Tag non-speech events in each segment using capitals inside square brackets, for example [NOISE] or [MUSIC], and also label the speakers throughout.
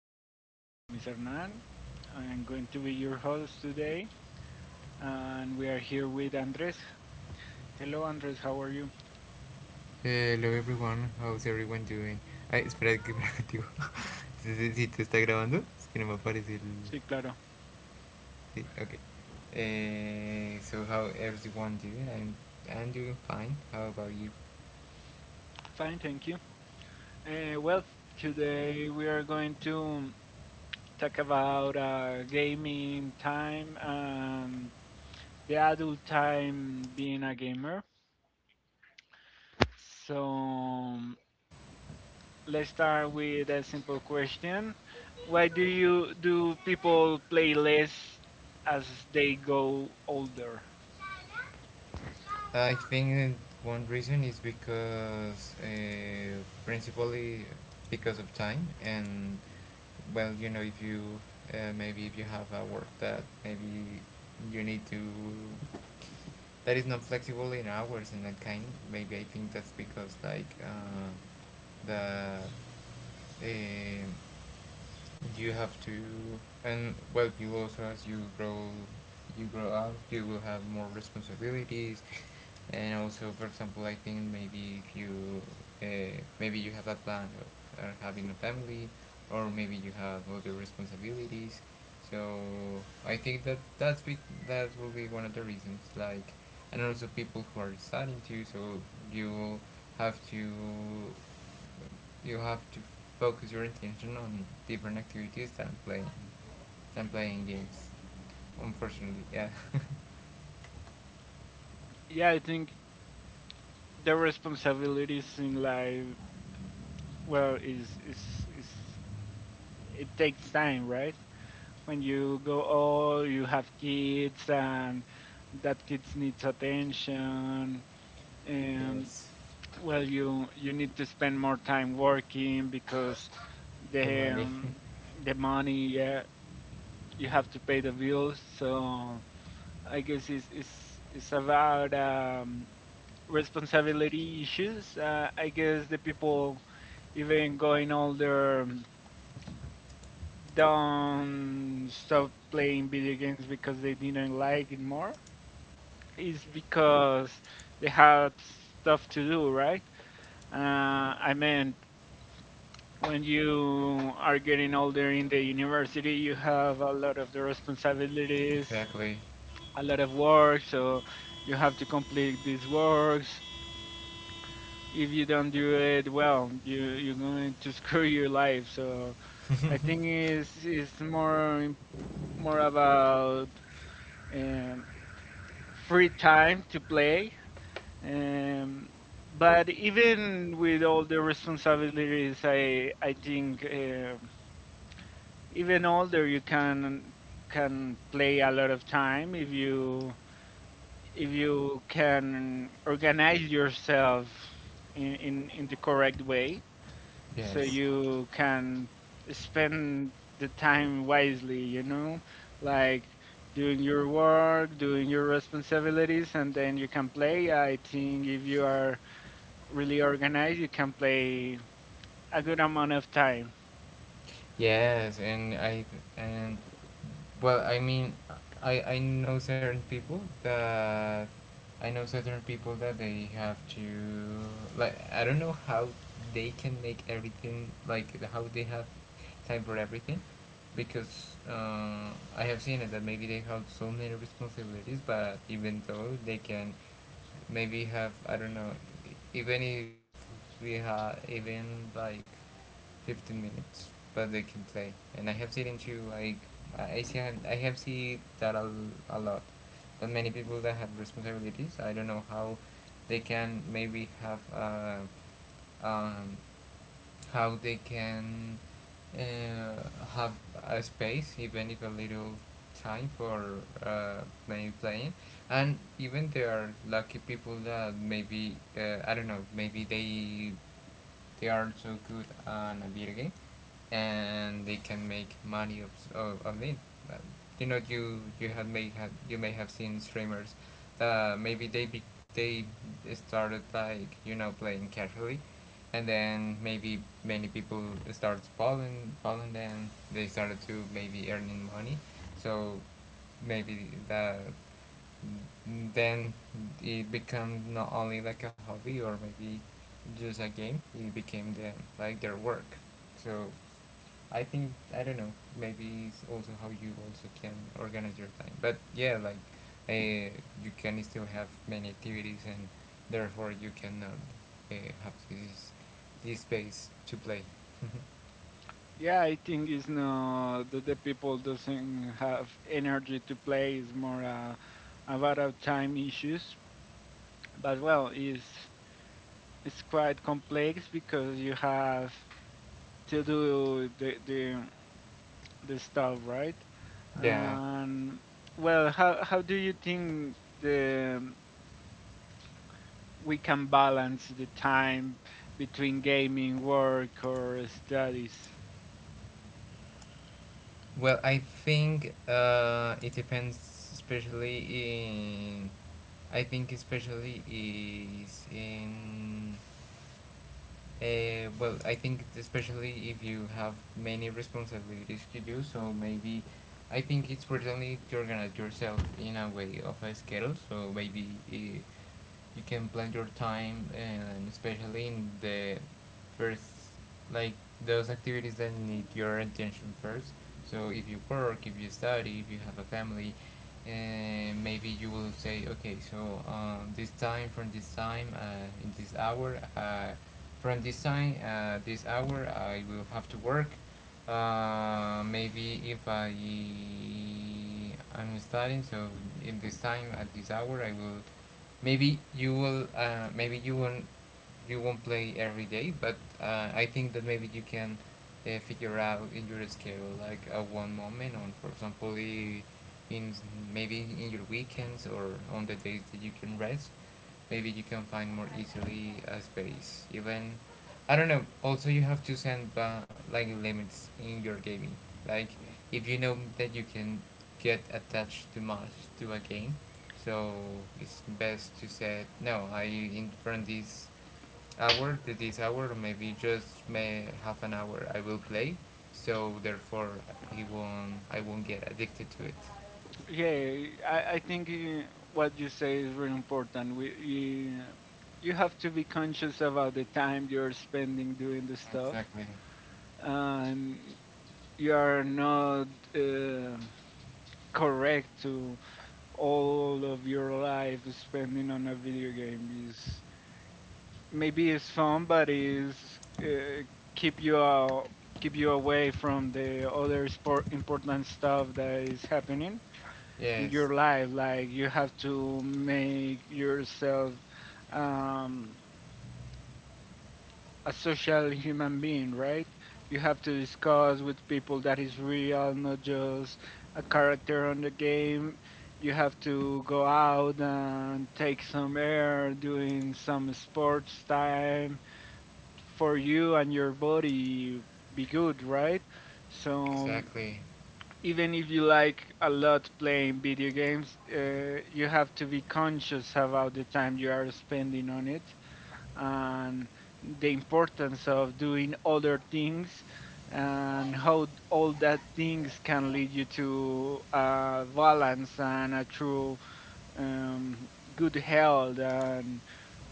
Speaker 1: My name is Hernan. I'm going to be your host today, and we are here with Andres. Hello, Andres. How are you?
Speaker 2: Hello everyone, how's everyone doing? Ay, espera, que me activo. [LAUGHS] Si sí, sí, sí, te está grabando, es que no me aparece el.
Speaker 1: Sí, claro.
Speaker 2: Sí, okay. So how everyone doing? I'm doing fine. How about you?
Speaker 1: Fine, thank you. Well, today we are going to talk about gaming time and the adult time being a gamer. So let's start with a simple question. Why do people play less as they go older?
Speaker 2: I think one reason is because principally because of time and well you know if you maybe if you have a work that maybe you need to that is not flexible in hours and that kind maybe I think that's because like the you have to and well you also as you grow up you will have more responsibilities and also for example I think maybe if you maybe you have a plan of having a family or maybe you have other responsibilities so I think that that will be one of the reasons like and also people who are studying too so you have to you have to focus your attention on different activities than playing games. Unfortunately, yeah. [LAUGHS]
Speaker 1: Yeah, I think the responsibilities in life, well, is it takes time, right? When you go old, you have kids, and that kids needs attention, and well, you need to spend more time working because
Speaker 2: The
Speaker 1: the
Speaker 2: money.
Speaker 1: um, the money, yeah, you have to pay the bills. So I guess it's about responsibility issues. I guess the people even going older don't stop playing video games because they didn't like it more. It's because they had stuff to do, right? I mean, when you are getting older in the university, you have a lot of the
Speaker 2: [LAUGHS]
Speaker 1: responsibilities
Speaker 2: Exactly.
Speaker 1: a lot of work, so you have to complete these works. If you don't do it well, you're going to [LAUGHS] screw your life. So I think it's more about um, free time to play. Um, but even with all the responsibilities, I think even older you can play a lot of time if you can organize yourself in the correct way so
Speaker 2: Yes.
Speaker 1: you can spend the time wisely, you know, like doing your work, doing your responsibilities, and then you can play. I think if you are really organized, you can play a good amount of time.
Speaker 2: Yes, and I and well, I mean, I know certain people that I know certain people that they have to like I don't know how they can make everything like how they have time for everything because I have seen it that maybe they have so many responsibilities, but even though they can maybe have I don't know even if we have even like 15 minutes but they can play and I have seen into like I see I have seen that a lot but many people that have responsibilities I don't know how they can maybe have um, how they can uh, have a space even if a little time for uh, maybe playing and even there are lucky people that maybe I don't know maybe they are so good on a video game and they can make money of of it. Uh, You know, you have may have you may have seen streamers that maybe they started like you know playing casually, and then maybe many people started following them. They started to maybe earning money, so maybe that then it becomes not only like a hobby or maybe just a game it became them like their work so I think I don't know maybe it's also how you also can organize your time but yeah like uh, you can still have many activities and therefore you cannot uh, have this space to play
Speaker 1: Yeah, I think it's not that the people doesn't have energy to play. It's more about our time issues, but well it's quite complex because you have to do the stuff, right?
Speaker 2: [LAUGHS] yeah.
Speaker 1: And well, how do you think the we can balance the time between gaming, work, or studies?
Speaker 2: Well, I think it depends, especially in. I think especially is in well, I think especially if you have many responsibilities to do, so maybe I think it's personally to organize yourself in a way of a schedule. So maybe you can plan your time, and especially in the first, like those activities that need your attention first. So if you work, if you study, if you have a family, uh maybe you will say, okay, so this time from this time, in this hour. From this time, this hour, I will have to work. Maybe if I studying, so in this time at this hour, I will. Maybe you will. Maybe you won't. You won't play every day, but I think that maybe you can figure out in your schedule like a one moment on, for example, in maybe in your weekends or on the days that you can rest maybe you can find more easily a space even I don't know also you have to like limits in your gaming like if you know that you can get attached too much to a game so it's best to say no I in from this hour to this hour or maybe just may half an hour I will play so therefore he won't I won't get addicted to it.
Speaker 1: Yeah, I think what you say is very important. You have to be conscious about the time you're spending doing the stuff.
Speaker 2: Exactly.
Speaker 1: And you are not uh, correct to all of your life spending on a video game is, maybe it's fun, but it's keep you uh, keep you away from the other sport important stuff that is happening in
Speaker 2: Yes.
Speaker 1: your life. Like, you have to make yourself um, a social human being, right? You have to discuss with people that is real, not just a character on the game. You have to go out and take some air, doing some sports time for you and your body be good, right? So
Speaker 2: Exactly.
Speaker 1: even if you like a lot playing video games, you have to be conscious about the time you are spending on it and the importance of doing other things and all that things can lead you to a balance and a true um, good health and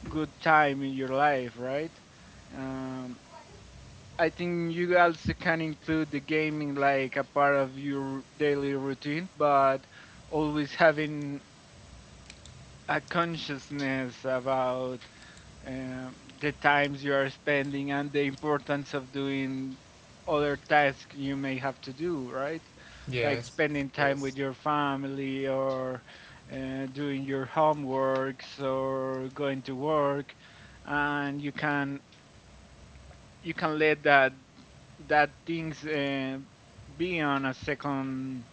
Speaker 1: good time in your life, right? Um, I think you also can include the gaming like a part of your daily routine, but always having a consciousness about the times you are spending and the importance of doing other tasks you may have to do, right? Like
Speaker 2: Yes,
Speaker 1: spending time with
Speaker 2: yes.
Speaker 1: your family or doing your homeworks or going to work, and you can let that things be on a second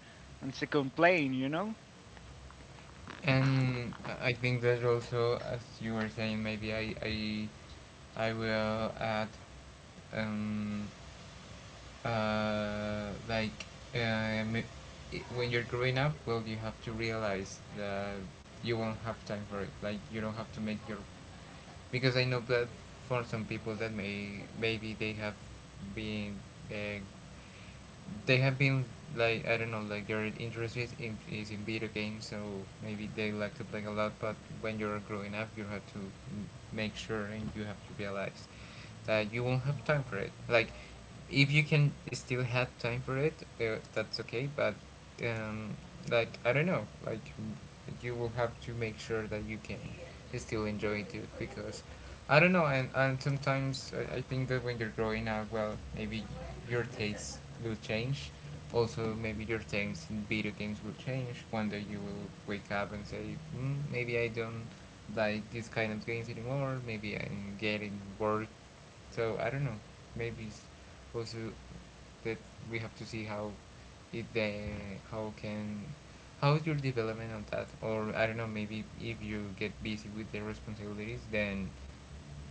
Speaker 1: on second plane, you know.
Speaker 2: And I think that also, as you were saying, maybe I will add um, like uh, m- when you're growing up, well, you have to realize that you won't have time for it. Like you don't have to make your because I know that for some people that maybe been uh, they have been like I don't know like their interest is is in video games so maybe they like to play a lot but when you're growing up you have to make sure and you have to realize that you won't have time for it. Like, if you can still have time for it, that's okay. But um, like I don't know, like you will have to make sure that you can still enjoy it too, because I don't know. And sometimes I think that when you're growing up, well, maybe your tastes will change. Also, maybe your tastes in video games will change. One day you will wake up and say, mm, maybe I don't like these kind of games anymore. Maybe I'm getting bored so I don't know. Maybe it's also that we have to see how if they how can how is your development on that or I don't know maybe if you get busy with the responsibilities then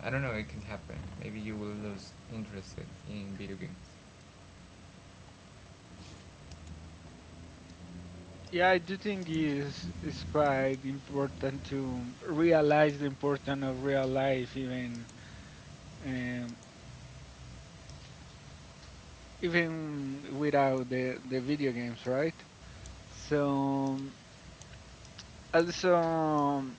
Speaker 2: I don't know it can happen maybe you will lose interest in video games.
Speaker 1: Yeah, I do think is quite important to realize the importance of real life, even um, even without the video games, right? So, also,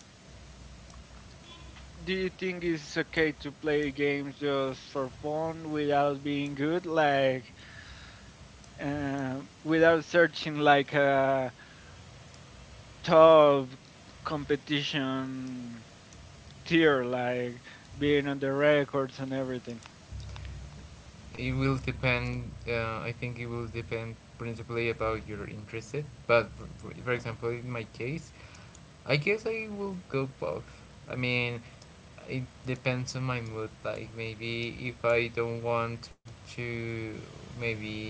Speaker 1: do you think it's okay to play games just for fun without being good, like without searching like a top competition tier, like being on the records and everything?
Speaker 2: It will depend. I think it will depend principally about your interest. But for example, in my case, I guess I will go both. I mean, it depends on my mood. Like maybe if I don't want to, maybe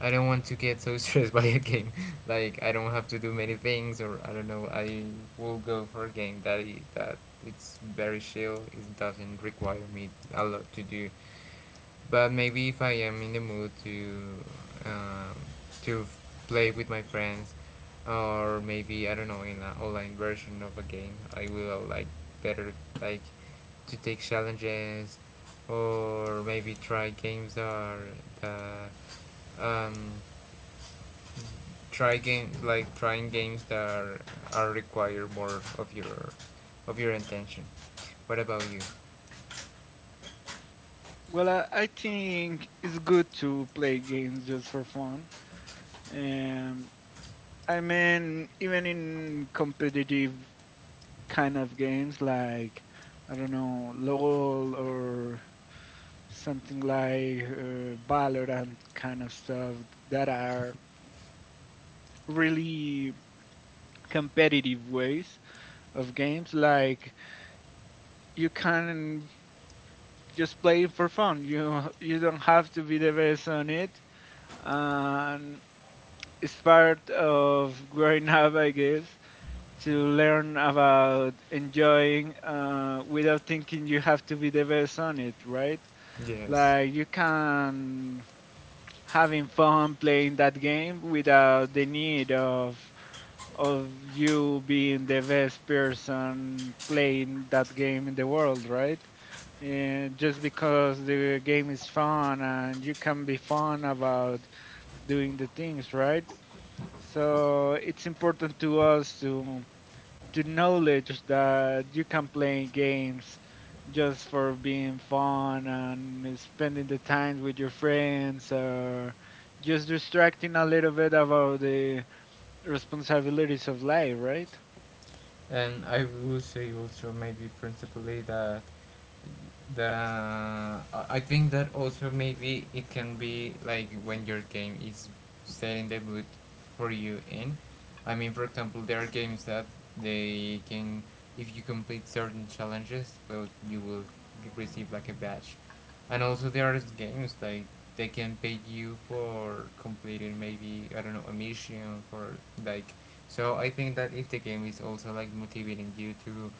Speaker 2: I don't want to get so [LAUGHS] stressed by a game. [LAUGHS] Like I don't have to do many things, or I don't know. I will go for a game that it's very chill. It doesn't require me a lot to do but maybe if I am in the mood um, to play with my friends, or maybe I don't know in an online version of a game, I will like better like to take challenges, or maybe try games that are that um, try game like trying games that are require more of your intention. What about you?
Speaker 1: Well, I think it's good to play games just for fun. Um, I mean, even in competitive kind of games like, I don't know, LOL or something like Valorant kind of stuff that are really competitive ways of games. Like, you can just play it for fun. You don't have to be the best on it, and it's part of growing up, I guess, to learn about enjoying without thinking you have to be the best on it, right?
Speaker 2: Yes.
Speaker 1: Like, you can having fun playing that game without the need of you being the best person playing that game in the world, right? And just because the game is fun and you can be fun about doing the things, right? So it's important to us to the knowledge that you can play games just for being fun and spending the time with your friends or just distracting a little bit about the responsibilities of life, right?
Speaker 2: And I will say also maybe principally that the I think that also maybe it can be like when your game is setting the mood for you in. I mean, for example, there are games that they can if you complete certain challenges, well, you will receive like a badge. And also there are games like they can pay you for completing maybe I don't know a mission for like so I think that if the game is also like motivating you to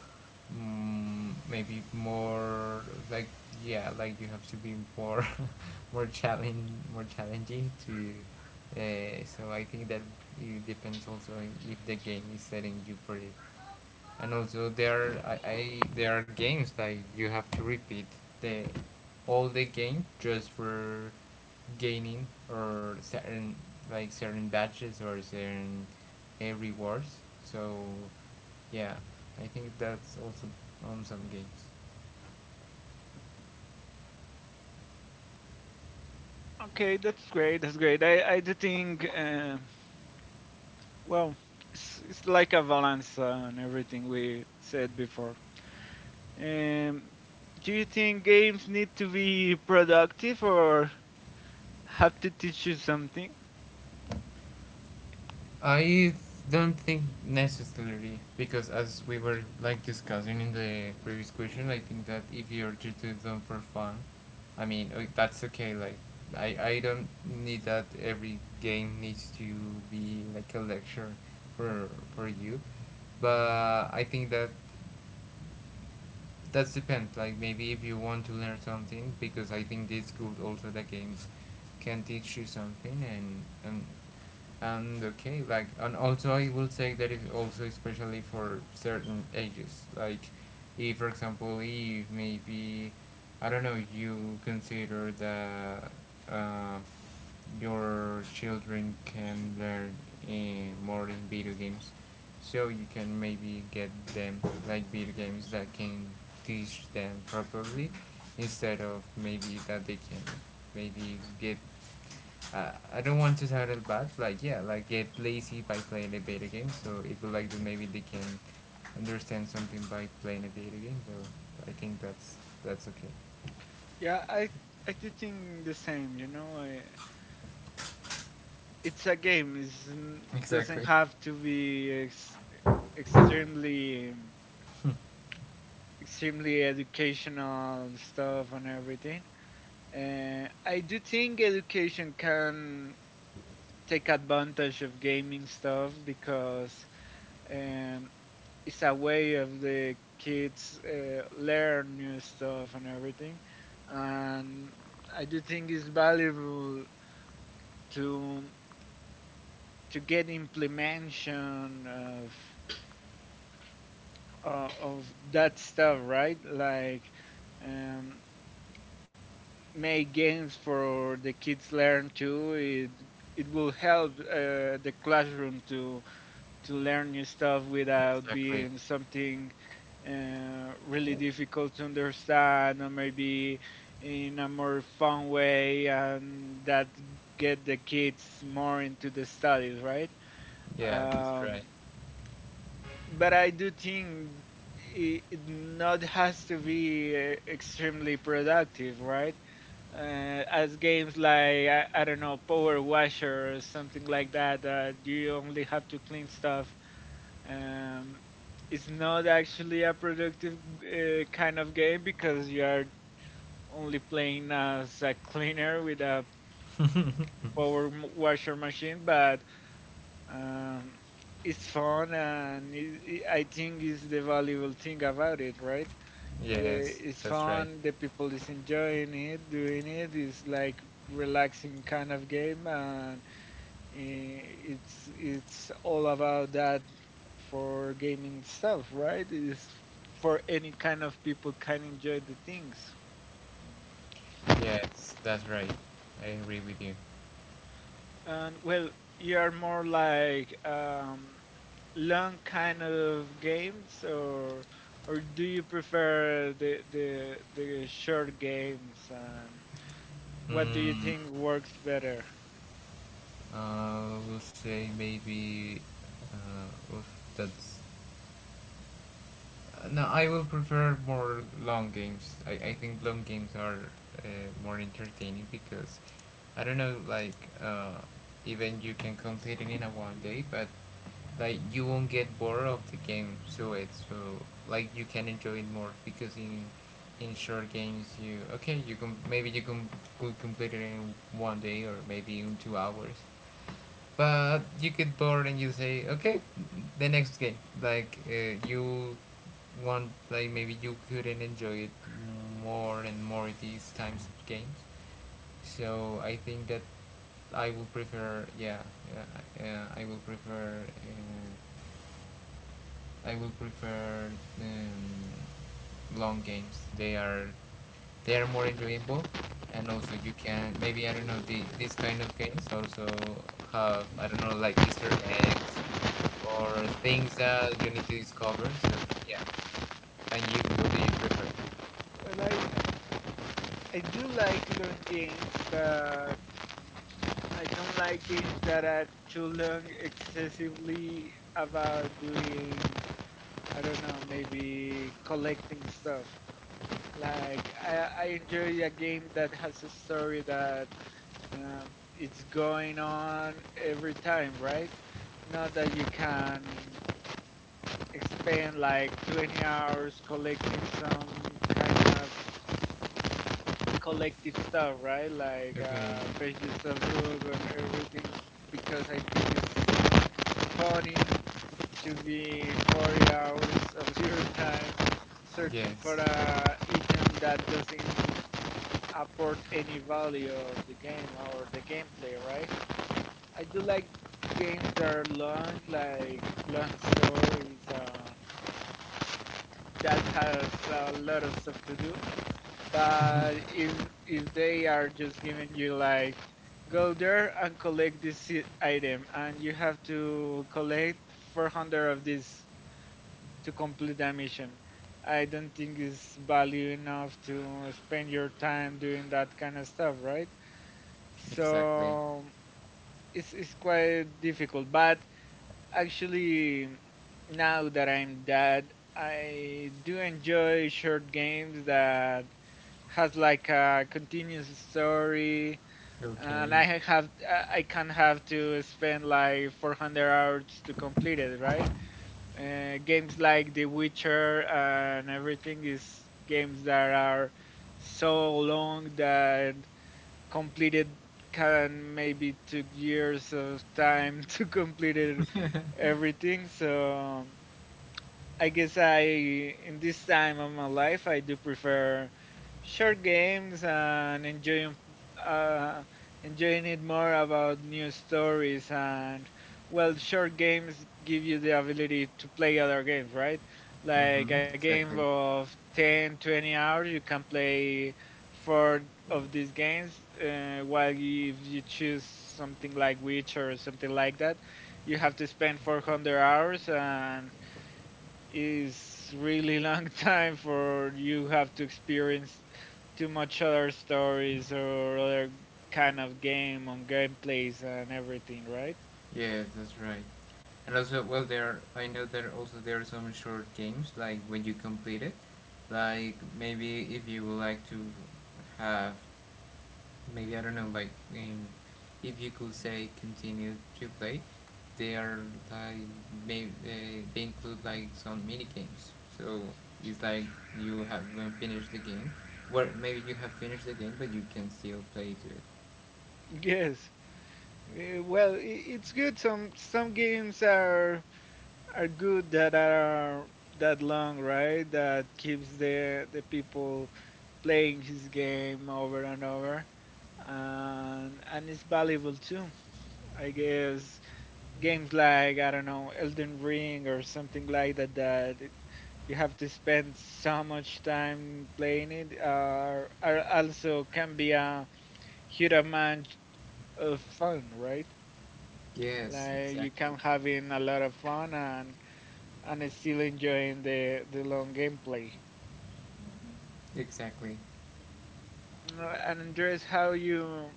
Speaker 2: mm, maybe more like yeah like you have to be more [LAUGHS] more challenge more challenging to so I think that it depends also if the game is setting you for it and also there I there are games like you have to repeat the all the game just for gaining or certain like certain badges or certain rewards so yeah I think that's also on some games.
Speaker 1: Okay, that's great. That's great. I do think, well, it's like a balance on everything we said before. Um, do you think games need to be productive or have to teach you something?
Speaker 2: I don't think necessarily because as we were like discussing in the previous question, I think that if you're just doing them for fun, I mean that's okay. Like I don't need that every game needs to be like a lecture for for you, but I think that that depends. Like maybe if you want to learn something because I think this could also the games can teach you something and okay like and also I will say that it also especially for certain ages like if for example if maybe I don't know you consider the uh, your children can learn in more in video games. So you can maybe get them like video games that can teach them properly instead of maybe that they can maybe get I don't want to sound it bad, like yeah, like get lazy by playing a video game. So it would like that maybe they can understand something by playing a video game. So I think that's okay.
Speaker 1: Yeah, I do think the same. You know, it's a game. It doesn't
Speaker 2: Exactly.
Speaker 1: have to be ex extremely extremely educational stuff and everything. I do think education can take advantage of gaming stuff because um, it's a way of the kids learn new stuff and everything. And I do think it's valuable to get implementation of that stuff, right? Like um, make games for the kids learn too. It will help the classroom to learn new stuff without
Speaker 2: Exactly.
Speaker 1: being something really difficult to understand, or maybe in a more fun way, and that get the kids more into the studies, right?
Speaker 2: Yeah, that's right.
Speaker 1: Um, But I do think it not has to be extremely productive, right? As games like, I don't know, Power Washer or something like that, that you only have to clean stuff. Um, it's not actually a productive kind of game because you are only playing as a cleaner with a
Speaker 2: [LAUGHS]
Speaker 1: washer machine, but um, it's fun, and I think is the valuable thing about it, right? Eh,
Speaker 2: Yes,
Speaker 1: It's
Speaker 2: that's right.
Speaker 1: fun. The people is enjoying it, doing it. It's like relaxing kind of game, and eh, it's all about that for gaming stuff, right? It's for any kind of people can enjoy the things.
Speaker 2: Yes, that's right. I agree with you.
Speaker 1: And well, you are more like long kind of games, or do you prefer the short games? And what do you
Speaker 2: Mm,
Speaker 1: think works better?
Speaker 2: will say maybe. Oof, that's no, I will prefer more long games. I think long games are more entertaining because I don't know, like, uh, even you can complete it in a one day, but like you won't get bored of the game. So it's so like you can enjoy it more because in short games you okay you can could complete it in one day or maybe in 2 hours, but you get bored and you say, okay, the next game. You want, like maybe you couldn't enjoy it more and more these times of games. So I think that I will prefer, yeah, yeah, yeah I will prefer. I would prefer um, long games. They are more enjoyable, and also you can maybe I don't know these kind of games also have I don't know like Easter eggs or things that you need to discover. So yeah, and you what do you prefer?
Speaker 1: Well, I do like long games, but I don't like games that are too long, excessively about doing. I don't know, maybe collecting stuff. Like I enjoy a game that has a story that um, it's going on every time, right? Not that you can spend like 20 hours collecting some kind of collective stuff, right? Like
Speaker 2: Okay.
Speaker 1: pages of book and everything, because I think it's funny to be 40 hours of your time searching for a
Speaker 2: Yes.
Speaker 1: item that doesn't apport any value of the game or the gameplay, right? I do like games that are long, like long stories. That has a lot of stuff to do. But if they are just giving you like, go there and collect this item and you have to collect 400 of these to complete the mission. I don't think it's value enough to spend your time doing that kind of stuff, right?
Speaker 2: Exactly.
Speaker 1: So it's quite difficult, but actually, now that I'm dad, I do enjoy short games that has like a continuous story, and
Speaker 2: Okay.
Speaker 1: I can have to spend like 400 hours to complete it, right? Games like The Witcher and everything is games that are so long that completed can maybe took years of time [LAUGHS] to complete it everything. So I guess I in this time of my life I do prefer short games and enjoying uh, enjoying it more about new stories. And well, short games give you the ability to play other games, right? Like
Speaker 2: Mm-hmm.
Speaker 1: a game
Speaker 2: Exactly.
Speaker 1: of 10-20 hours, you can play four of these games, while if you choose something like Witch or something like that, you have to spend 400 hours and is really [LAUGHS] long time for you have to experience too much other stories or other kind of game on gameplays and everything, right?
Speaker 2: Yes, that's right. And also, well, there I know that also there are some short games like when you complete it, like maybe if you would like to have, maybe I don't know, like, um, if you could say continue to play, they are like maybe they include like some mini games. So it's like you have when finished the game, well maybe you have finished the game, but you can still play to it.
Speaker 1: Yes. Well, it's good. Some games are good that are that long, right? That keeps the people playing his game over and over, and it's valuable too. I guess games like, I don't know, Elden Ring or something like that that you have to spend so much time playing it are also can be a huge amount of fun, right?
Speaker 2: Yes,
Speaker 1: Like, you
Speaker 2: exactly,
Speaker 1: can having a lot of fun and still enjoying the long gameplay.
Speaker 2: exactly.
Speaker 1: And Andres, how you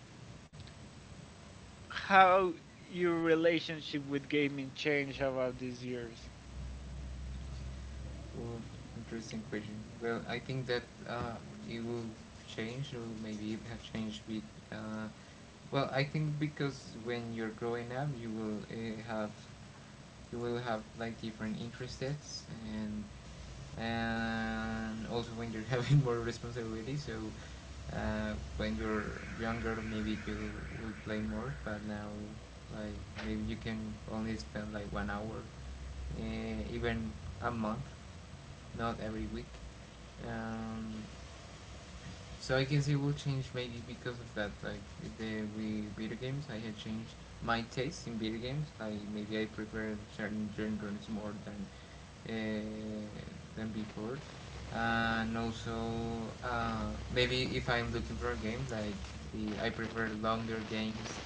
Speaker 1: how your relationship with gaming changed about these years?
Speaker 2: Oh, interesting question. Well, I think that uh, it will change, or maybe it have changed with. Uh, well, I think because when you're growing up, you will have you will have like different interests, and also when you're [LAUGHS] having more responsibility. So when you're younger, maybe you will play more, but now like maybe you can only spend like 1 hour, even a month not every week. Um, so I guess it will change maybe because of that. Like the with video games, I had changed my taste in video games. Like maybe I prefer certain genres more uh, than before, and also maybe if I'm looking for a game, I prefer longer games.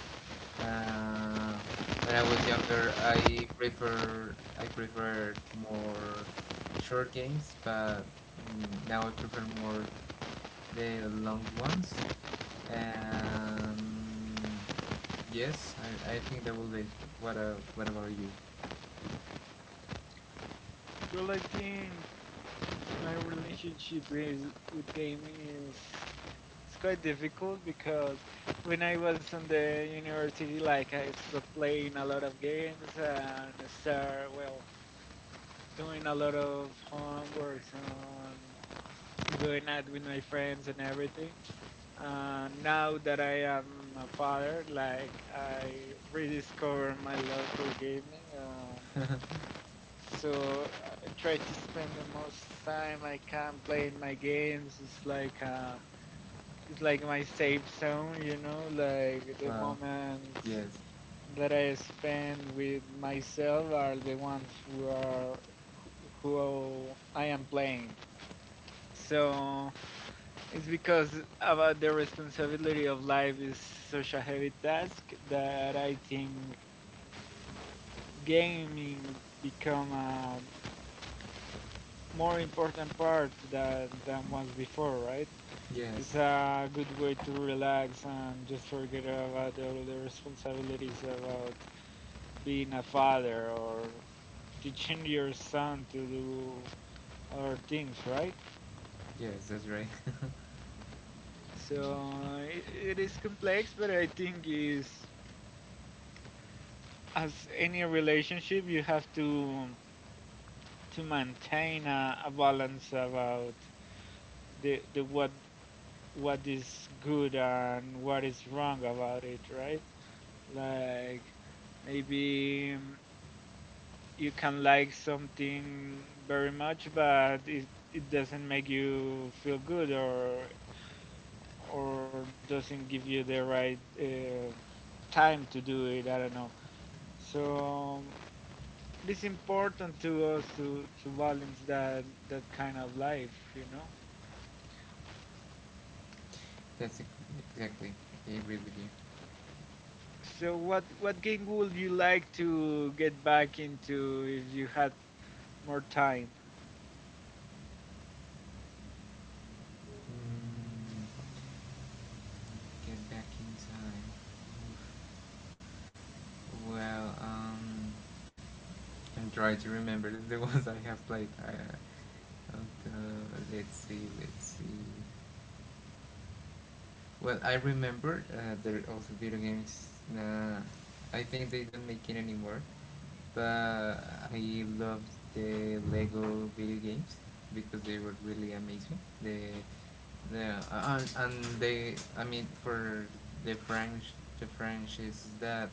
Speaker 2: Uh, when I was younger, I preferred more short games, but now I prefer more the long ones. And yes, I think that will be. What about you?
Speaker 1: Well, I think my relationship is with gaming is it's quite difficult because when I was on the university, like I stopped playing a lot of games and start, well, doing a lot of homeworks and doing that with my friends and everything. And now that I am a father, like I rediscovered my love for gaming. So I try to spend the most time I can playing my games. It's like my safe zone, you know. Like, the
Speaker 2: Well,
Speaker 1: moments
Speaker 2: yes,
Speaker 1: that I spend with myself are the ones who are who I am playing. So it's because about the responsibility of life is such a heavy task that I think gaming become a more important part than once before, right? It's
Speaker 2: yes,
Speaker 1: a good way to relax and just forget about all the responsibilities about being a father or teaching your son to do other things, right?
Speaker 2: yes, that's right. [LAUGHS]
Speaker 1: So it is complex, but I think is, as any relationship, you have to maintain a balance about the what is good and what is wrong about it, right? Like, maybe you can like something very much, but it doesn't make you feel good or doesn't give you the right time to do it. I don't know. So it's important to us to, balance that kind of life, you know.
Speaker 2: that's ex- exactly. I agree with you.
Speaker 1: So what game would you like to get back into if you had more time?
Speaker 2: Mm, get back in time. Well, I'm trying to remember the [LAUGHS] ones I have played. I, okay, let's see, let's see. Well, I remember there are also video games. Nah, I think they don't make it anymore. Uh, I loved the Lego video games because they were really amazing. The and they I mean for the French the French is that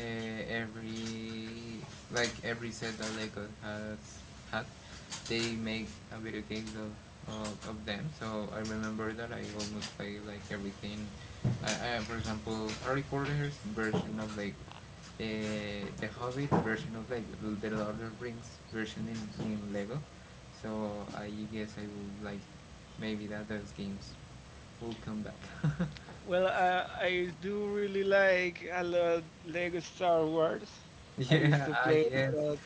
Speaker 2: every like every set that Lego has had they make a video game of them. So I remember that I almost play like everything. I for example Harry Potter's version of Lego, the Hobbit version of Lego, the Lord of the Rings version in Lego. So I guess I would like maybe that those games will come back.
Speaker 1: Well, I do really like a lot Lego Star Wars.
Speaker 2: [LAUGHS]
Speaker 1: I used
Speaker 2: Yeah,
Speaker 1: to
Speaker 2: I
Speaker 1: play it
Speaker 2: guess
Speaker 1: a lot,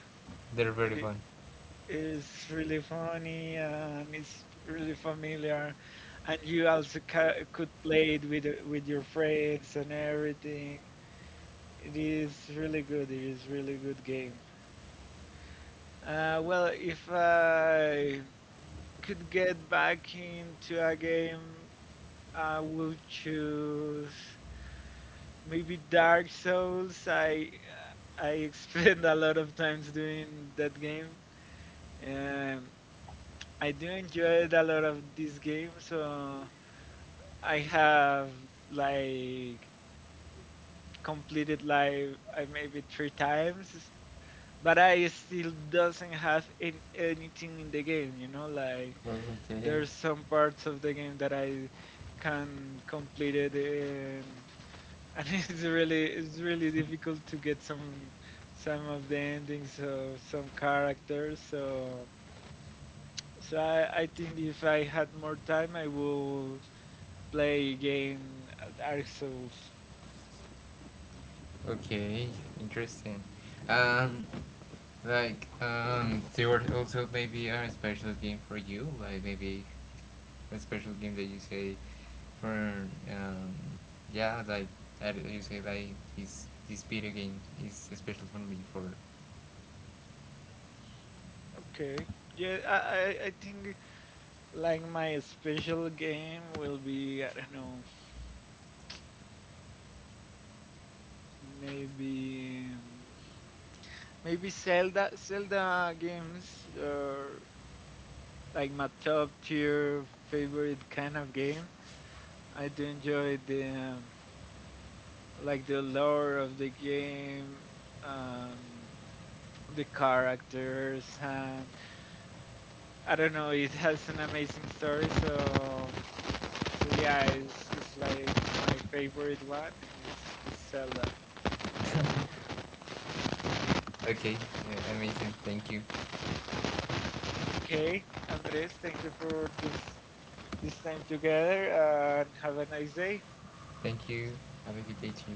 Speaker 2: they're very
Speaker 1: and it
Speaker 2: fun.
Speaker 1: is really funny and it's really familiar. And you also ca could play it with your friends and everything. It is really good. It is really good game. Well, if I could get back into a game, I will choose. Maybe Dark Souls. I [LAUGHS] spend a lot of times doing that game. Um, I do enjoy a lot of this game, so I have like completed like I maybe three times, but I still doesn't have an anything in the game. You know, like,
Speaker 2: Okay.
Speaker 1: there's some parts of the game that I can complete it in, and [LAUGHS] it's really difficult to get some of the endings of some characters, so so I think if I had more time I will play again Dark Souls.
Speaker 2: Okay, interesting. Um, like there were also maybe a special game for you, like maybe a special game that you say for um, yeah, like you say like this video game is special for me for.
Speaker 1: Okay, yeah, I think like my special game will be, I don't know, maybe maybe Zelda games are like my top tier favorite kind of game. I do enjoy the like, the lore of the game, um, the characters, and I don't know. It has an amazing story, so, yeah, it's like my favorite one is Zelda.
Speaker 2: Okay, yeah, amazing. Thank you.
Speaker 1: Okay, Andres, thank you for this time together, and have a nice day.
Speaker 2: Thank you. Have a good day too.